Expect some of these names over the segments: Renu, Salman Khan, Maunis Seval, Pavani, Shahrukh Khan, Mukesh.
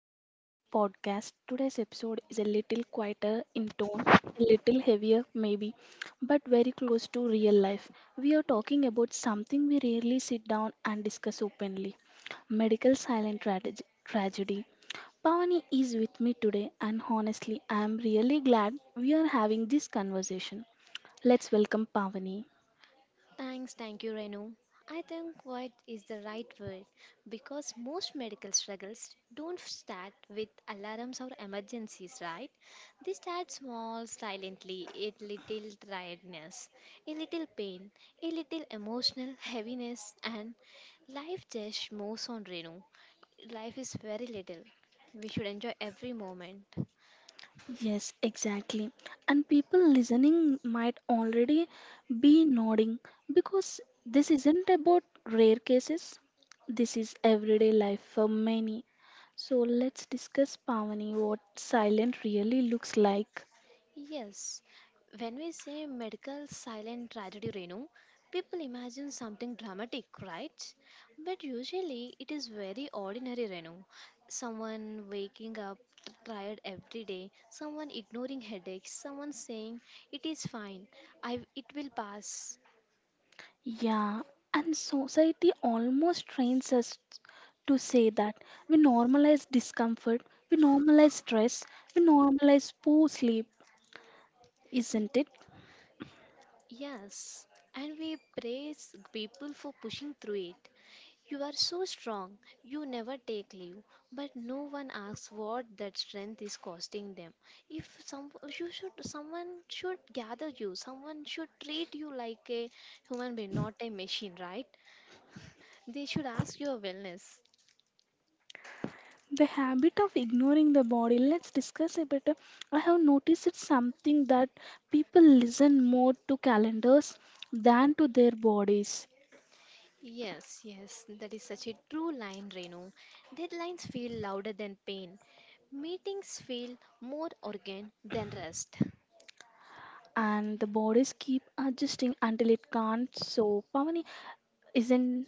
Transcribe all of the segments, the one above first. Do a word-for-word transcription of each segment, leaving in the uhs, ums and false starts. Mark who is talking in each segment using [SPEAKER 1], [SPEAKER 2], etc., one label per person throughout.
[SPEAKER 1] to the pod- podcast. Today's episode is a little quieter in tone, a little heavier maybe, but very close to real life. We are talking about something we rarely sit down and discuss openly medical silent trage- tragedy. Pavani is with me today, and honestly, I am really glad we are having this conversation. Let's welcome Pavani.
[SPEAKER 2] Thanks, thank you, Renu. I think what is the right word because most medical struggles don't start with alarms or emergencies, right? They start small, silently, a little tiredness, a little pain, a little emotional heaviness, and life just moves on, Renu. Life is very little. We should enjoy every moment.
[SPEAKER 1] Yes, exactly. And people listening might already be nodding because this isn't about rare cases. This is everyday life for many. So let's discuss Pavani what silent really looks like.
[SPEAKER 2] Yes, when we say medical silent tragedy, Renu, people imagine something dramatic, right? But usually it is very ordinary, Renu. Someone waking up t- tired every day, someone ignoring headaches, someone saying it is fine, I it will pass.
[SPEAKER 1] Yeah, and society almost trains us to say that we normalize discomfort, we normalize stress, we normalize poor sleep, isn't it?
[SPEAKER 2] Yes, and we praise people for pushing through it. You are so strong, you never take leave, but no one asks what that strength is costing them. If some you should someone should gather you, someone should treat you like a human being, not a machine, right? They should ask your wellness.
[SPEAKER 1] The habit of ignoring the body, let's discuss a bit. I have noticed it's something that people listen more to calendars than to their bodies.
[SPEAKER 2] Yes, yes, that is such a true line, Renu. Deadlines feel louder than pain. Meetings feel more organ than rest.
[SPEAKER 1] And the bodies keep adjusting until it can't, so Pavani, isn't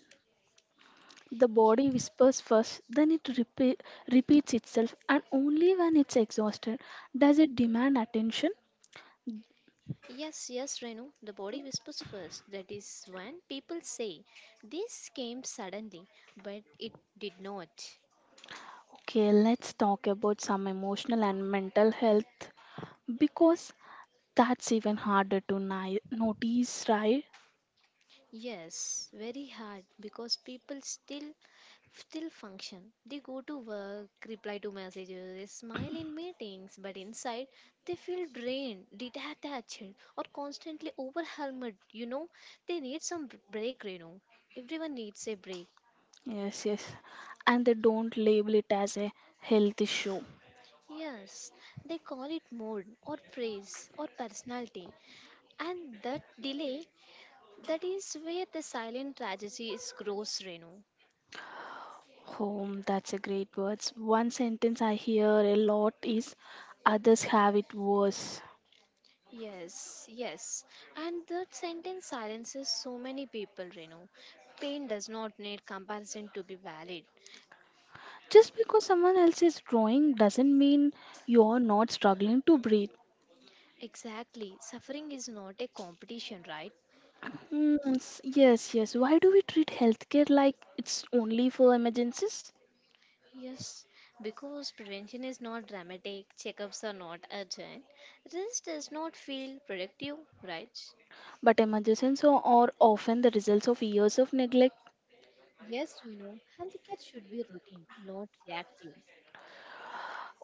[SPEAKER 1] the body whispers first, then it repeat, repeats itself, and only when it's exhausted does it demand attention.
[SPEAKER 2] Yes, yes, Renu, the body whispers first. That is when people say, this came suddenly, but it did not.
[SPEAKER 1] Okay, let's talk about some emotional and mental health, because that's even harder to ni- notice, right?
[SPEAKER 2] Yes, very hard because people still still function. They go to work, reply to messages, they smile in meetings, but inside they feel drained, detached, or constantly overwhelmed. You know, they need some b- break, Renu. Everyone needs a break.
[SPEAKER 1] Yes, yes. And they don't label it as a health issue.
[SPEAKER 2] Yes, they call it mood or praise or personality. And that delay, that is where the silent tragedy is gross, Renu.
[SPEAKER 1] Home, that's a great words. One sentence I hear a lot is others have it worse.
[SPEAKER 2] Yes, yes. And that sentence silences so many people, Renu. Pain does not need comparison to be valid.
[SPEAKER 1] Just because someone else is growing doesn't mean you're not struggling to breathe.
[SPEAKER 2] Exactly. Suffering is not a competition, right?
[SPEAKER 1] Mm, s- yes, yes. Why do we treat healthcare like it's only for emergencies?
[SPEAKER 2] Yes, because prevention is not dramatic, checkups are not urgent, rest does not feel productive, right?
[SPEAKER 1] But emergencies are are often the results of years of neglect.
[SPEAKER 2] Yes, you know, healthcare should be routine, not reactive.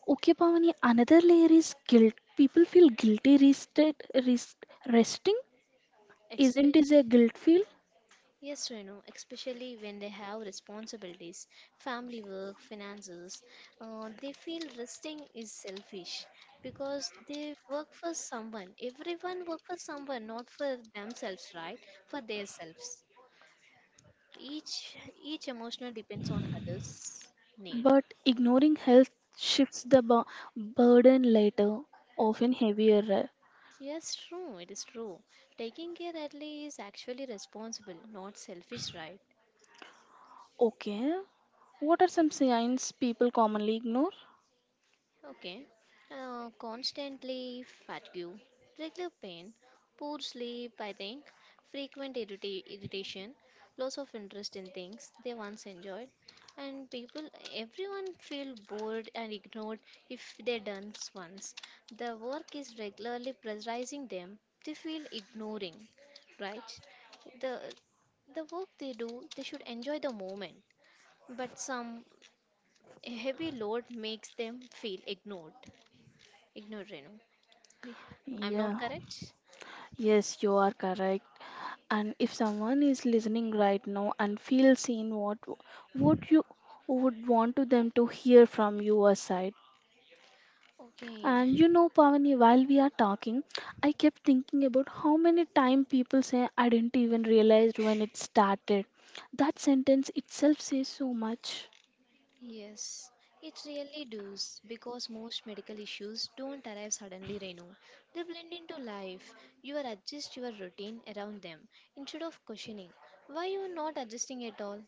[SPEAKER 1] Okay, Pavani, another layer is guilt. People feel guilty rested, rest, resting.
[SPEAKER 2] Expe-
[SPEAKER 1] Isn't it a guilt feel?
[SPEAKER 2] yes, Renu, especially when they have responsibilities, family work, finances, uh, they feel resting is selfish because they work for someone. Everyone work for someone, not for themselves, right? For themselves. Each each emotional depends on others' need.
[SPEAKER 1] But ignoring health shifts the bu- burden later, often heavier.
[SPEAKER 2] Yes, true. It is true. Taking care early is actually responsible, not selfish, right?
[SPEAKER 1] Okay, what are some signs people commonly ignore?
[SPEAKER 2] Okay. Uh, constantly fatigue, regular pain, poor sleep, I think, frequent irrita- irritation, loss of interest in things they once enjoyed, and people, everyone feel bored and ignored if they done once. The work is regularly pressurizing them. They feel ignoring, right? The the work they do, they should enjoy the moment, but some heavy load makes them feel ignored. Ignore Renu. Hey, I'm not
[SPEAKER 1] Yeah,
[SPEAKER 2] correct?
[SPEAKER 1] yes, you are correct. And if someone is listening right now and feels seen, what would you would want to them to hear from your side?
[SPEAKER 2] Okay,
[SPEAKER 1] And you know, Pavani, while we are talking, I kept thinking about how many time people say I didn't even realize when it started. That sentence itself says so much.
[SPEAKER 2] yes. It really does because most medical issues don't arrive suddenly, Renu. They blend into life. You are adjust your routine around them instead of questioning why you are not adjusting at all.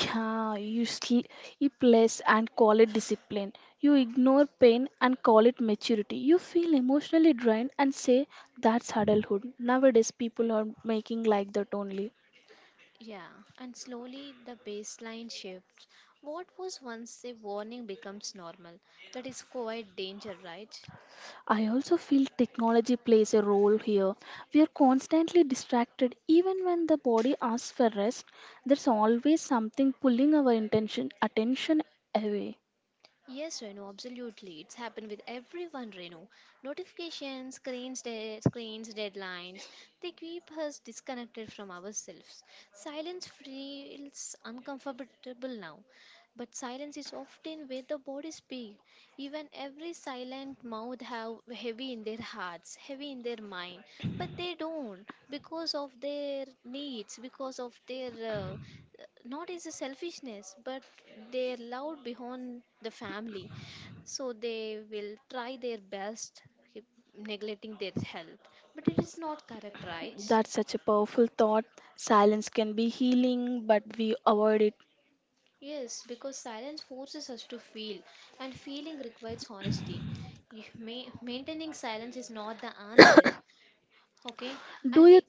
[SPEAKER 1] Yeah, you sl- you place and call it discipline. You ignore pain and call it maturity. You feel emotionally drained and say that's adulthood. Nowadays, people are making like that only.
[SPEAKER 2] Yeah, and slowly the baseline shifts. What was once a warning becomes normal. That is quite danger, right?
[SPEAKER 1] I also feel technology plays a role here. We are constantly distracted, even when the body asks for rest. There's always something pulling our intention attention away.
[SPEAKER 2] Yes, Renu, absolutely. It's happened with everyone, Renu. Notifications, screens, de- screens, deadlines, they keep us disconnected from ourselves. Silence feels uncomfortable now, but silence is often where the body speaks. Even every silent mouth have heavy in their hearts, heavy in their mind, but they don't because of their needs, because of their uh, not as a selfishness, but they are loud beyond the family, so they will try their best keep neglecting their health, but it is not correct, right?
[SPEAKER 1] That's such a powerful thought. Silence can be healing, but we avoid it.
[SPEAKER 2] Yes, because silence forces us to feel and feeling requires honesty. You may, maintaining silence is not the answer. Okay,
[SPEAKER 1] Do
[SPEAKER 2] and
[SPEAKER 1] you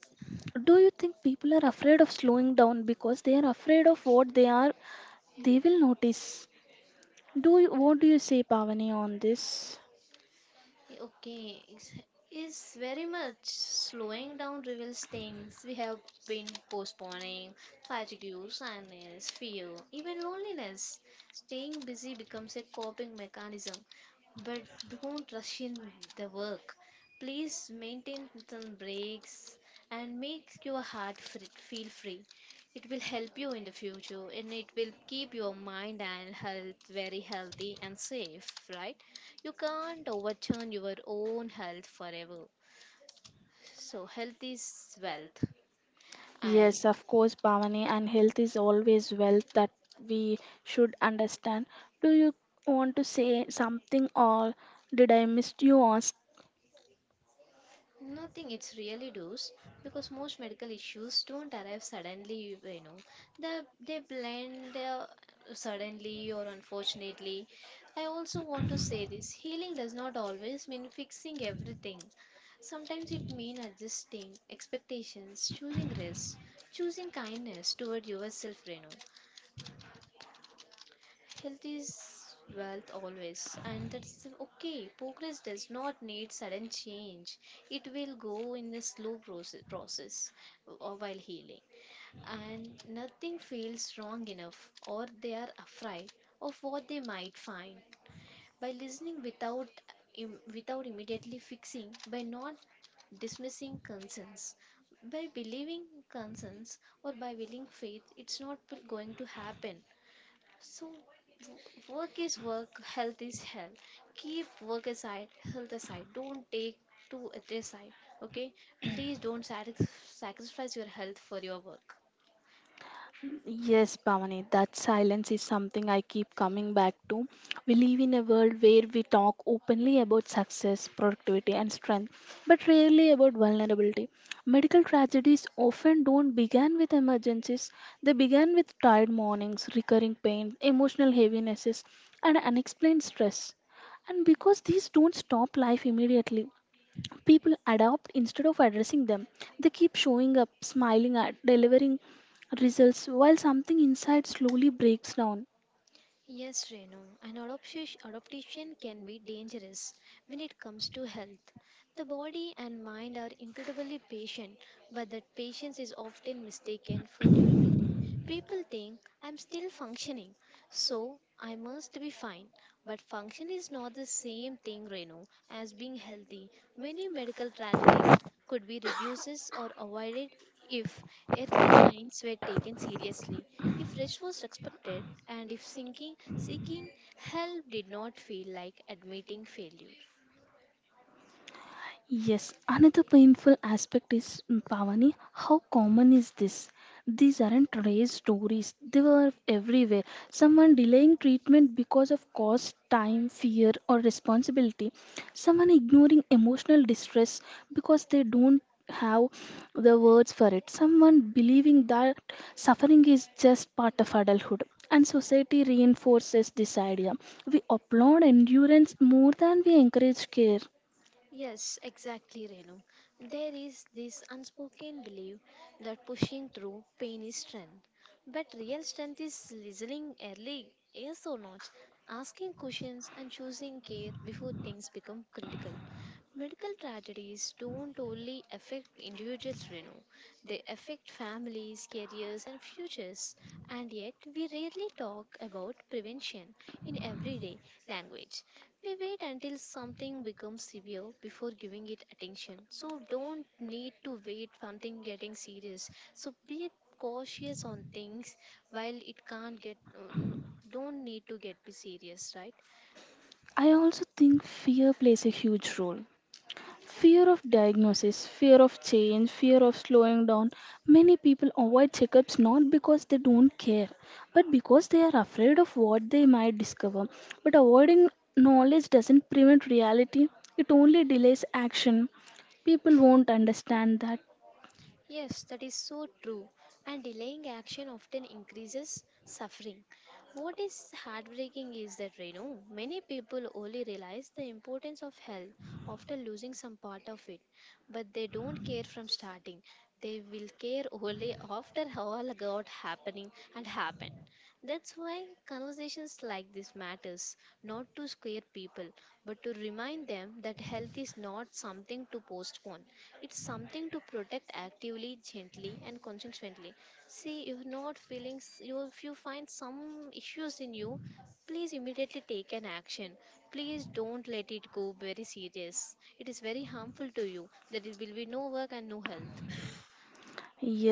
[SPEAKER 1] do you think people are afraid of slowing down because they are afraid of what they are they will notice. Do you, what do you say Pavani on this?
[SPEAKER 2] okay, it's it's very much slowing down reveals things we have been postponing: fatigue, sadness, fear, even loneliness. Staying busy becomes a coping mechanism, but don't rush in the work. Please maintain some breaks and make your heart free, feel free. It will help you in the future and it will keep your mind and health very healthy and safe, right? You can't overturn your own health forever. So, health is wealth, and
[SPEAKER 1] Yes, of course, Bhavani, and health is always wealth that we should understand. Do you want to say something, or did I miss you on?
[SPEAKER 2] nothing, it's really does because most medical issues don't arrive suddenly, you know, they, they blend uh, suddenly or unfortunately. I also want to say this healing does not always mean fixing everything. Sometimes it means adjusting expectations, choosing rest, choosing kindness toward yourself, Renu. Health is wealth always, and that's okay. Progress does not need sudden change. It will go in a slow proce- process uh, while healing, and nothing feels wrong enough, or they are afraid of what they might find. By listening without im- without immediately fixing, by not dismissing concerns, by believing concerns, or by willing faith, it's not p- going to happen. So work is work, health is health. Keep work aside, health aside. Don't take two at a side. Okay? Please don't sac- sacrifice your health for your work.
[SPEAKER 1] Yes, Bhavani, that silence is something I keep coming back to. We live in a world where we talk openly about success, productivity, and strength, but rarely about vulnerability. Medical tragedies often don't begin with emergencies, they begin with tired mornings, recurring pain, emotional heavinesses, and unexplained stress. And because these don't stop life immediately, people adapt instead of addressing them. They keep showing up, smiling at, delivering results, while something inside slowly breaks down.
[SPEAKER 2] Yes, Renu, an adoption, adaptation can be dangerous when it comes to health. The body and mind are incredibly patient. But that patience is often mistaken for durability. People think I'm still functioning, so I must be fine. But function is not the same thing, Renu, as being healthy. Many medical tragedies could be reduced or avoided if early signs were taken seriously, if rest was respected, and if sinking, seeking help did not feel like admitting failure.
[SPEAKER 1] Yes, another painful aspect is mm, Pavani. How common is this? These aren't raised stories, they were everywhere. Someone delaying treatment because of cost, time, fear, or responsibility. Someone ignoring emotional distress because they don't have the words for it. Someone believing that suffering is just part of adulthood. And society reinforces this idea. We applaud endurance more than we encourage care.
[SPEAKER 2] Yes, exactly, Renu. There is this unspoken belief that pushing through pain is strength. But real strength is listening early, yes or not, asking questions and choosing care before things become critical. Medical tragedies don't only affect individuals, Renu. They affect families, careers, and futures. And yet, we rarely talk about prevention in everyday language. We wait until something becomes severe before giving it attention. So don't need to wait something getting serious. So be cautious on things while it can't get uh, n- don't need to get be serious, right?
[SPEAKER 1] I also think fear plays a huge role. Fear of diagnosis, fear of change, fear of slowing down. Many people avoid checkups not because they don't care, but because they are afraid of what they might discover. But avoiding knowledge doesn't prevent reality, it only delays action. People won't understand that.
[SPEAKER 2] Yes, that is so true. And delaying action often increases suffering. What is heartbreaking is that, Renu, many people only realize the importance of health after losing some part of it, but they don't care from starting. They will care only after all got happening and happened. That's why conversations like this matters, not to scare people, but to remind them that health is not something to postpone. It's something to protect actively, gently, and consistently. See, if not feeling, s- you if you find some issues in you, please immediately take an action. Please don't let it go very serious. It is very harmful to you. There will be no work and no health.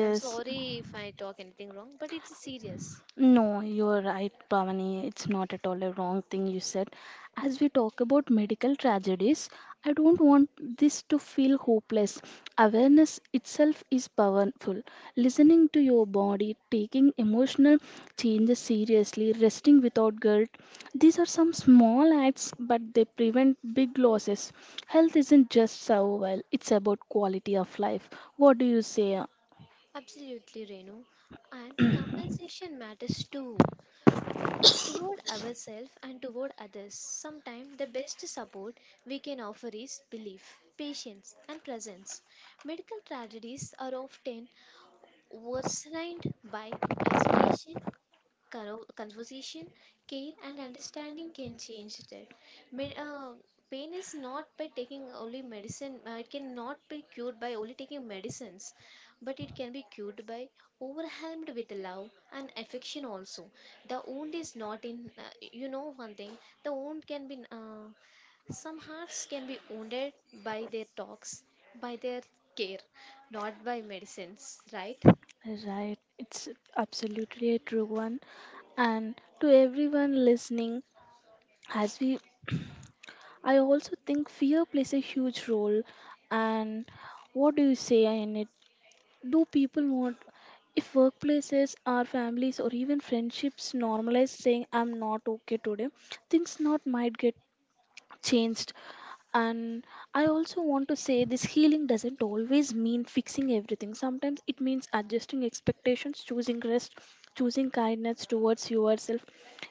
[SPEAKER 2] I'm sorry if I talk anything wrong, but it is serious.
[SPEAKER 1] No, you're right, Pavani. It's not at all a wrong thing you said. As we talk about medical tragedies, I don't want this to feel hopeless. Awareness itself is powerful. Listening to your body, taking emotional changes seriously, resting without guilt. These are some small acts, but they prevent big losses. Health isn't just survival, it's about quality of life. What do you say?
[SPEAKER 2] Absolutely, Renu. And compensation matters too. Ourselves and toward others. Sometimes the best support we can offer is belief, patience, and presence. Medical tragedies are often worsened by isolation. Caro- conversation, care, and understanding can change that. Me- uh, Pain is not by taking only medicine. Uh, it cannot be cured by only taking medicines, but it can be cured by overwhelmed with love and affection also. The wound is not in, uh, you know, one thing, the wound can be. Uh, some hearts can be wounded by their talks, by their care, not by medicines, right?
[SPEAKER 1] Right, it's absolutely a true one. And to everyone listening, as we, I also think fear plays a huge role. And what do you say in it? Do people want, if workplaces our families or even friendships normalize saying, I'm not okay today, things not might get changed. And I also want to say this healing doesn't always mean fixing everything, sometimes it means adjusting expectations, choosing rest, choosing kindness towards yourself.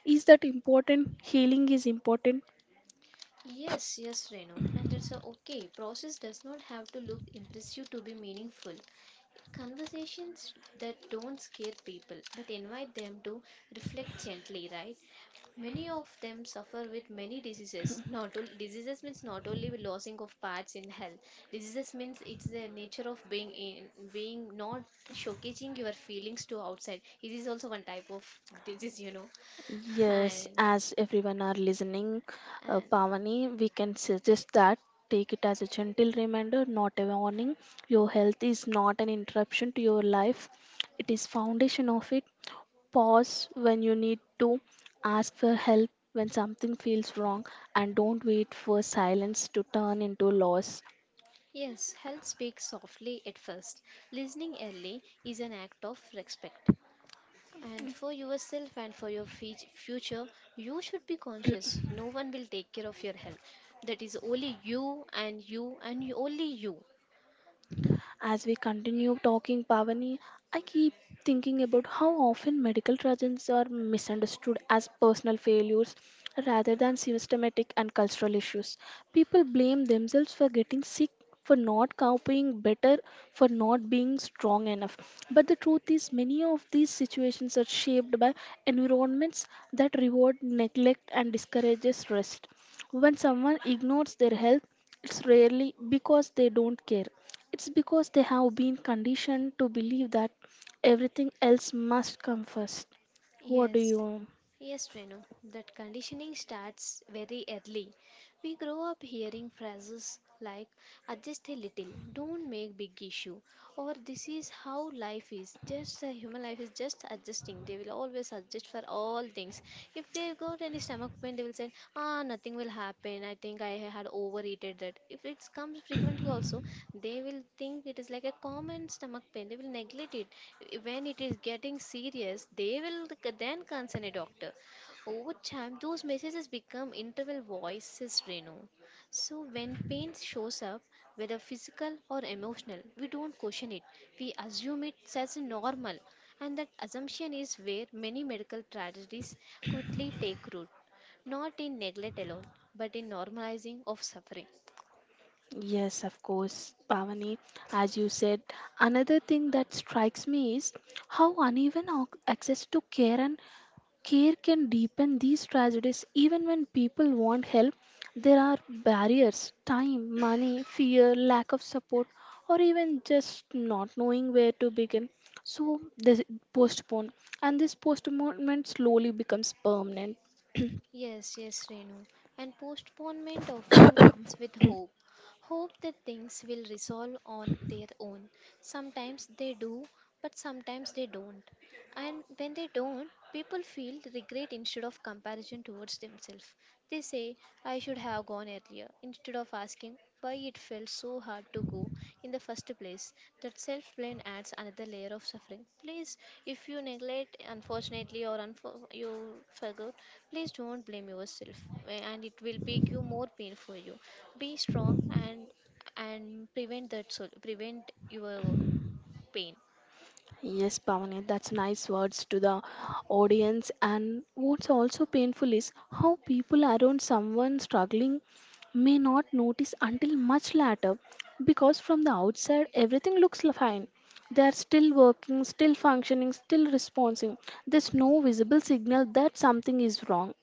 [SPEAKER 1] Is that important? Healing is important.
[SPEAKER 2] Yes, yes, Renu, and it's a okay. Process does not have to look impressive to be meaningful. Conversations that don't scare people but invite them to reflect gently, right? Many of them suffer with many diseases. Not only diseases means not only with losing of parts in health. Diseases means it's the nature of being in being not showcasing your feelings to outside. It is also one type of disease, you know.
[SPEAKER 1] Yes,
[SPEAKER 2] And
[SPEAKER 1] as everyone are listening, uh,
[SPEAKER 2] and
[SPEAKER 1] Pavani, we can suggest that take it as a gentle reminder, not a warning. Your health is not an interruption to your life; it is foundation of it. Pause when you need to, ask for help when something feels wrong, and don't wait for silence to turn into loss.
[SPEAKER 2] yes, health speaks softly at first. Listening early is an act of respect. And for yourself and for your fe- future, you should be conscious. No one will take care of your health. That is only you and you and you- only you.
[SPEAKER 1] As we continue talking, Pavani, I keep thinking about how often medical tragedies are misunderstood as personal failures rather than systematic and cultural issues. People blame themselves for getting sick, for not coping better, for not being strong enough. But the truth is, many of these situations are shaped by environments that reward neglect and discourages rest. When someone ignores their health, it's rarely because they don't care. It's because they have been conditioned to believe that everything else must come first. What do you? um,
[SPEAKER 2] Yes, Renu, that conditioning starts very early. We grow up hearing phrases like adjust a little, don't make big issue, or this is how life is. Just a human life is just adjusting. They will always adjust for all things. If they got any stomach pain, they will say, ah, nothing will happen. I think I had overeated that. If it comes frequently also, they will think it is like a common stomach pain. They will neglect it. When it is getting serious, they will c- then concern a doctor. Over time those messages become internal voices, reno so when pain shows up, whether physical or emotional, we don't question it. We assume it as normal, and that assumption is where many medical tragedies quickly take root, not in neglect alone, but in normalizing of suffering.
[SPEAKER 1] Yes, of course, Pavani. As you said, another thing that strikes me is how uneven ac- access to care and care can deepen these tragedies even when people want help. There are barriers time, money, fear, lack of support, or even just not knowing where to begin. So they postpone, and this postponement slowly becomes permanent.
[SPEAKER 2] Yes, yes, Renu. And postponement often comes with hope. Hope that things will resolve on their own. Sometimes they do, but sometimes they don't. And when they don't, people feel regret instead of comparison towards themselves. They say, I should have gone earlier, instead of asking why it felt so hard to go in the first place. That self blame adds another layer of suffering. Please, if you neglect, unfortunately, or unfor- you forgot, please don't blame yourself, eh, and it will make you more pain for you. Be strong and and prevent that, so prevent your pain.
[SPEAKER 1] Yes, Pavani, that's nice words to the audience. And what's also painful is how people around someone struggling may not notice until much later because from the outside everything looks l- fine. They are still working, still functioning, still responding. There's no visible signal that something is wrong.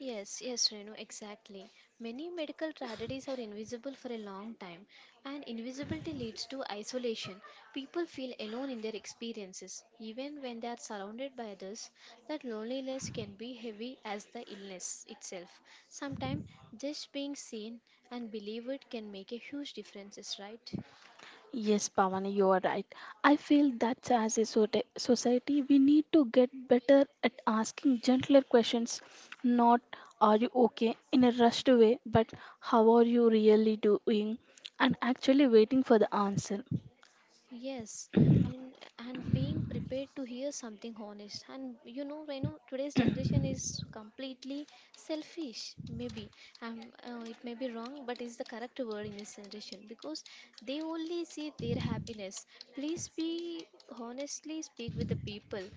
[SPEAKER 2] Yes, yes, Renu, exactly. Many medical tragedies are invisible for a long time, and invisibility leads to isolation. People feel alone in their experiences, even when they are surrounded by others. That loneliness can be heavy as the illness itself. Sometimes just being seen and believed can make a huge difference, right?
[SPEAKER 1] Yes, Pavani, you are right. I feel that as a sote- society, we need to get better at asking gentler questions, not are you okay in a rushed way, but how are you really doing, and actually waiting for the answer.
[SPEAKER 2] Yes, and and being prepared to hear something honest. And you know, I know today's generation is completely selfish. Maybe um, uh, it may be wrong, but it's the correct word in this generation because they only see their happiness. Please be honestly speak with the people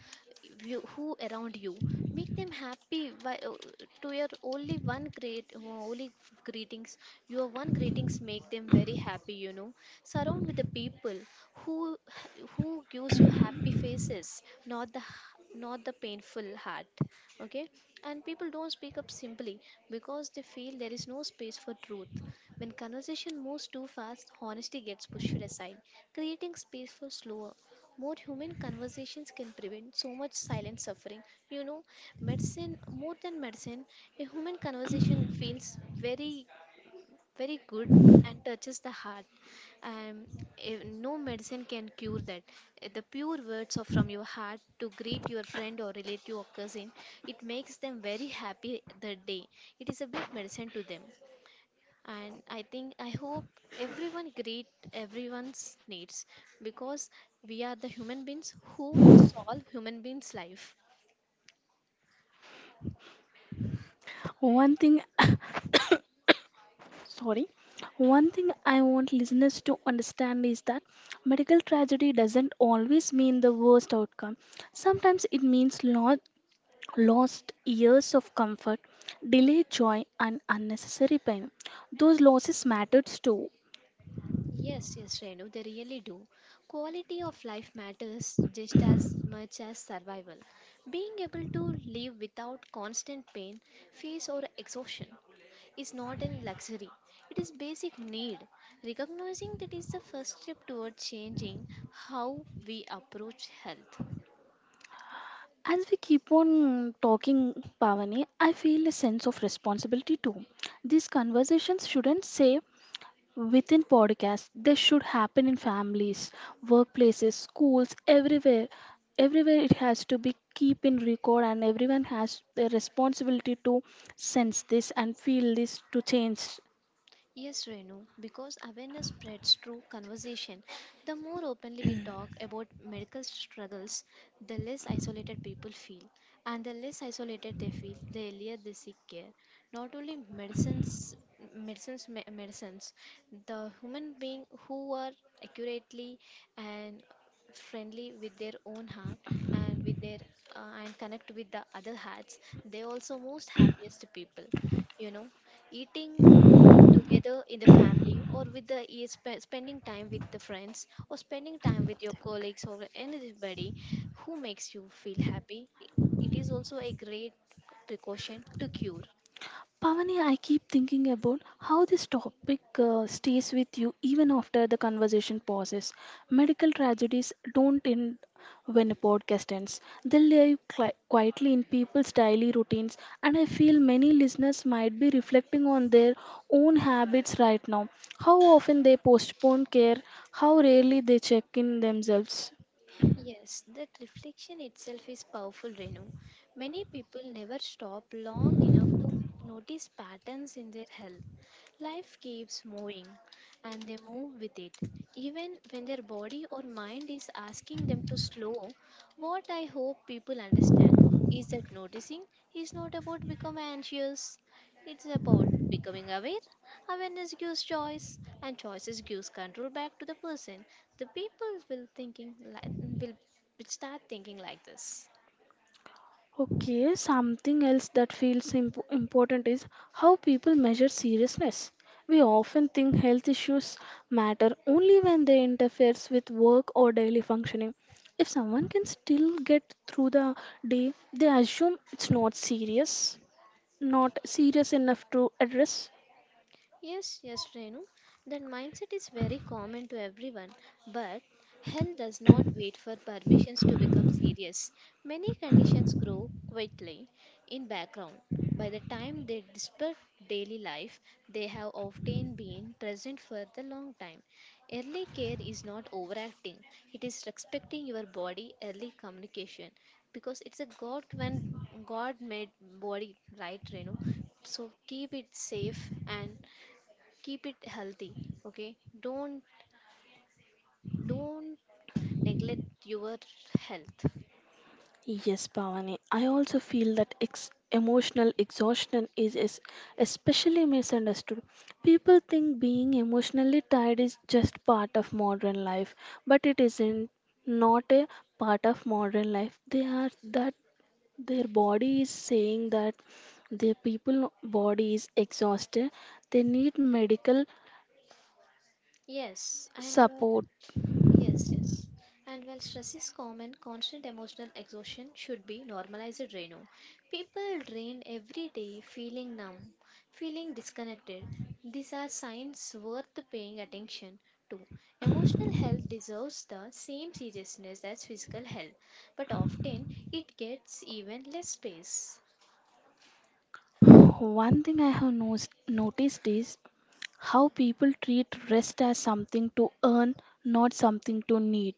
[SPEAKER 2] you, who around you, make them happy by, uh, to your only one great uh, only greetings, your one greetings make them very happy, you know, surround with the people who who gives you happy faces, not the not the painful heart. Okay, and people don't speak up simply because they feel there is no space for truth. When conversation moves too fast, honesty gets pushed aside. Creating space for slower, more human conversations can prevent so much silent suffering. You know, medicine, more than medicine, a human conversation feels very, very good and touches the heart. Um, eh, no medicine can cure that. Eh, The pure words of from your heart to greet your friend or relative or cousin, it makes them very happy the day. It is a big medicine to them, and I think I hope everyone greet everyone's needs, because we are the human beings who to solve human beings life.
[SPEAKER 1] One thing, sorry, one thing I want listeners to understand is that medical tragedy doesn't always mean the worst outcome. Sometimes it means loss, lost years of comfort, delayed joy, and unnecessary pain. Those losses mattered too.
[SPEAKER 2] Yes, yes, Renu, they really do. Quality of life matters just as much as survival. Being able to live without constant pain, fears, or exhaustion is not a luxury, it is basic need. Recognizing that is the first step toward changing how we approach health.
[SPEAKER 1] As we keep on talking, Pavani, I feel a sense of responsibility too. These conversations shouldn't say within podcasts, they should happen in families, workplaces, schools, everywhere. Everywhere it has to be keep in record, and everyone has the responsibility to sense this and feel this to change.
[SPEAKER 2] Yes, Renu, because awareness spreads through conversation. The more openly we talk about medical struggles, the less isolated people feel. And the less isolated they feel, the earlier they seek care. Not only medicines, medicines, me- medicines, the human being who are accurately and friendly with their own heart and with their uh, and connect with the other hearts, they also most happiest people, you know, eating eating together in the family or with the eh, spe- spending time with the friends or spending time with your colleagues or anybody who makes you feel happy, it is also a great precaution to cure.
[SPEAKER 1] Pavani, I keep thinking about how this topic uh, stays with you even after the conversation pauses. Medical tragedies don't end when a podcast ends, they live cli- quietly in people's daily routines, and I feel many listeners might be reflecting on their own habits right now. How often they postpone care, how rarely they check in themselves.
[SPEAKER 2] Yes, that reflection itself is powerful, Renu. Many people never stop long enough to notice patterns in their health. Life keeps moving and they move with it. Even when their body or mind is asking them to slow, what I hope people understand is that noticing is not about becoming anxious, it's about becoming aware. Awareness gives choice, and choices gives control back to the person, the people will thinking like will, will start thinking like this.
[SPEAKER 1] Okay, something else that feels imp- important is how people measure seriousness. We often think health issues matter only when they interferes with work or daily functioning. If someone can still get through the day, they assume it's not serious, not serious enough to address.
[SPEAKER 2] Yes, yes, Renu. That mindset is very common to everyone, but health does not wait for permissions to become serious. Many conditions grow quietly in background. By the time they disturb daily life, they have often been present for the long time. Early care is not overacting; it is respecting your body. Early communication, because it's a God, when God made body, right, Renu? So keep it safe and keep it healthy. Okay, don't don't neglect your health.
[SPEAKER 1] Yes, Bhavani. I also feel that ex- emotional exhaustion is, is especially misunderstood. People think being emotionally tired is just part of modern life, but it isn't not a part of modern life. They are that their body is saying that their people body is exhausted. They need medical
[SPEAKER 2] Yes, and while,
[SPEAKER 1] support.
[SPEAKER 2] yes, yes, and while stress is common, constant emotional exhaustion should be normalized, Renu. People drain every day, feeling numb, feeling disconnected, these are signs worth paying attention to. Emotional health deserves the same seriousness as physical health, but often it gets even less space.
[SPEAKER 1] One thing I have no- noticed is how people treat rest as something to earn, not something to need.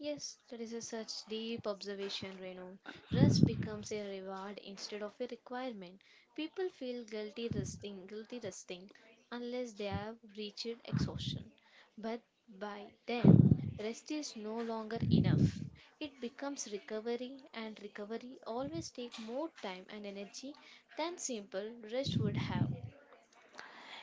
[SPEAKER 2] Yes, that is a such deep observation, Renu. Rest becomes a reward instead of a requirement. People feel guilty resting, guilty resting, unless they have reached exhaustion. But by then, rest is no longer enough. It becomes recovery, and recovery always takes more time and energy than simple rest would have.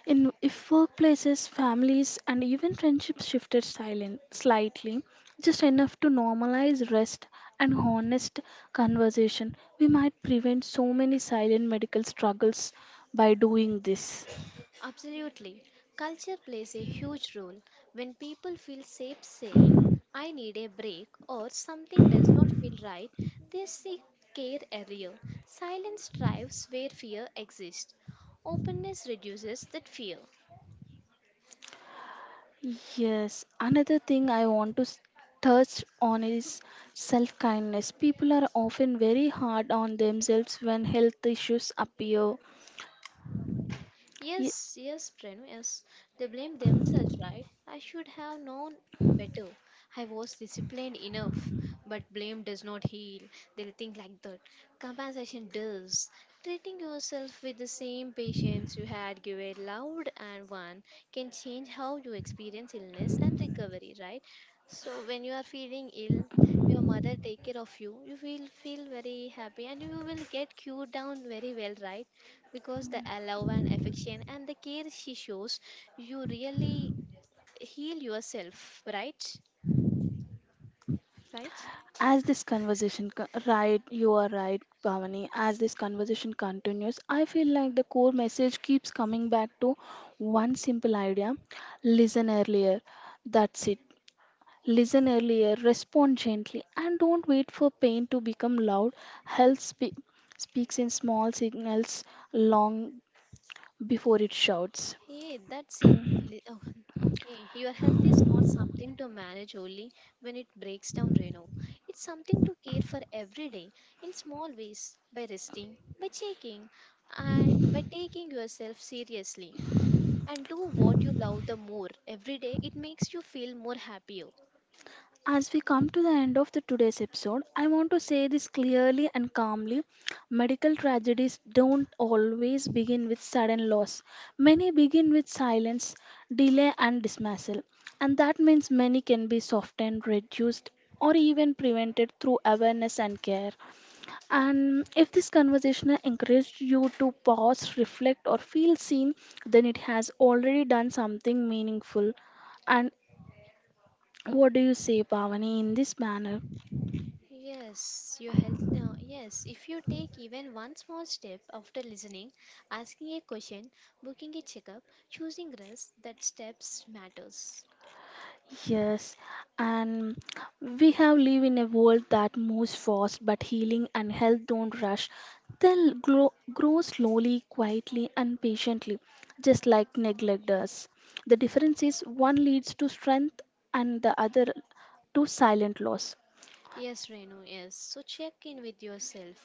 [SPEAKER 1] In if workplaces, families, and even friendships shifted silent slightly, just enough to normalize rest and honest conversation, we might prevent so many silent medical struggles by doing this.
[SPEAKER 2] Absolutely. Culture plays a huge role. When people feel safe saying, I need a break or something does not feel right, they seek care earlier. Silence thrives where fear exists. Openness reduces that fear.
[SPEAKER 1] Yes, another thing I want to s- touch on is self kindness. People are often very hard on themselves when health issues appear, Ye-
[SPEAKER 2] Yes, yes, Prenu, yes. They blame themselves, right? I should have known better. I was disciplined enough, but blame does not heal. They'll think like that. Compensation does. Treating yourself with the same patience you had given loved and one can change how you experience illness and recovery, right? So when you are feeling ill, your mother take care of you. You will feel very happy and you will get cured down very well, right? Because the love and affection and the care she shows, you really heal yourself, right? Right?
[SPEAKER 1] as this conversation, co- right, you are right, Bhavani. As this conversation continues, I feel like the core message keeps coming back to one simple idea listen earlier. That's it. Listen earlier, respond gently, and don't wait for pain to become loud. Health spe- speaks in small signals long before it shouts.
[SPEAKER 2] Yeah, that's it. Li- oh, Okay, your health is not something to manage only when it breaks down, Reno. It's something to care for every day in small ways, by resting, by checking, and by taking yourself seriously. And do what you love the more every day, it makes you feel more happier.
[SPEAKER 1] As we come to the end of the today's episode, I want to say this clearly and calmly. Medical tragedies don't always begin with sudden loss. Many begin with silence, delay and dismissal. And that means many can be softened, reduced or even prevented through awareness and care. And if this conversation encouraged you to pause, reflect or feel seen, then it has already done something meaningful. And what do you say, Pavani, in this manner?
[SPEAKER 2] Yes, your health, uh, yes, if you take even one small step after listening, asking a question, booking a checkup, choosing rest, that steps matters.
[SPEAKER 1] Yes, and we have live in a world that moves fast, but healing and health don't rush. They'll grow, grow slowly, quietly, and patiently, just like neglect does. The difference is one leads to strength and the other to silent loss.
[SPEAKER 2] Yes, Renu, yes, so check in with yourself,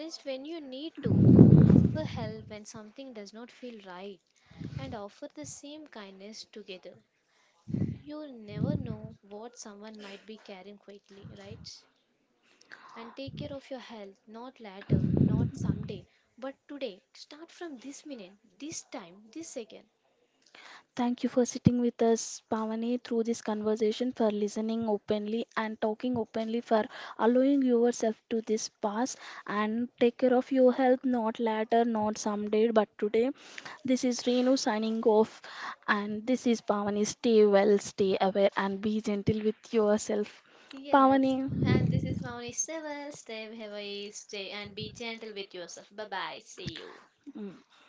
[SPEAKER 2] rest when you need to, ask for help when something does not feel right, and offer the same kindness together. You never know what someone might be carrying quietly, right? And take care of your health, not later, not someday, but today. Start from this minute, this time, this second.
[SPEAKER 1] Thank you for sitting with us, Pavani, through this conversation, for listening openly and talking openly, for allowing yourself to this pass and take care of your health, not later, not someday, but today. This is Renu signing off, and this is Pavani. Stay well, stay aware, and be gentle with yourself.
[SPEAKER 2] Yes,
[SPEAKER 1] Pavani.
[SPEAKER 2] and this is Maunis Seval. Stay heavy, stay and be gentle with yourself. Bye bye. See you.
[SPEAKER 1] Mm.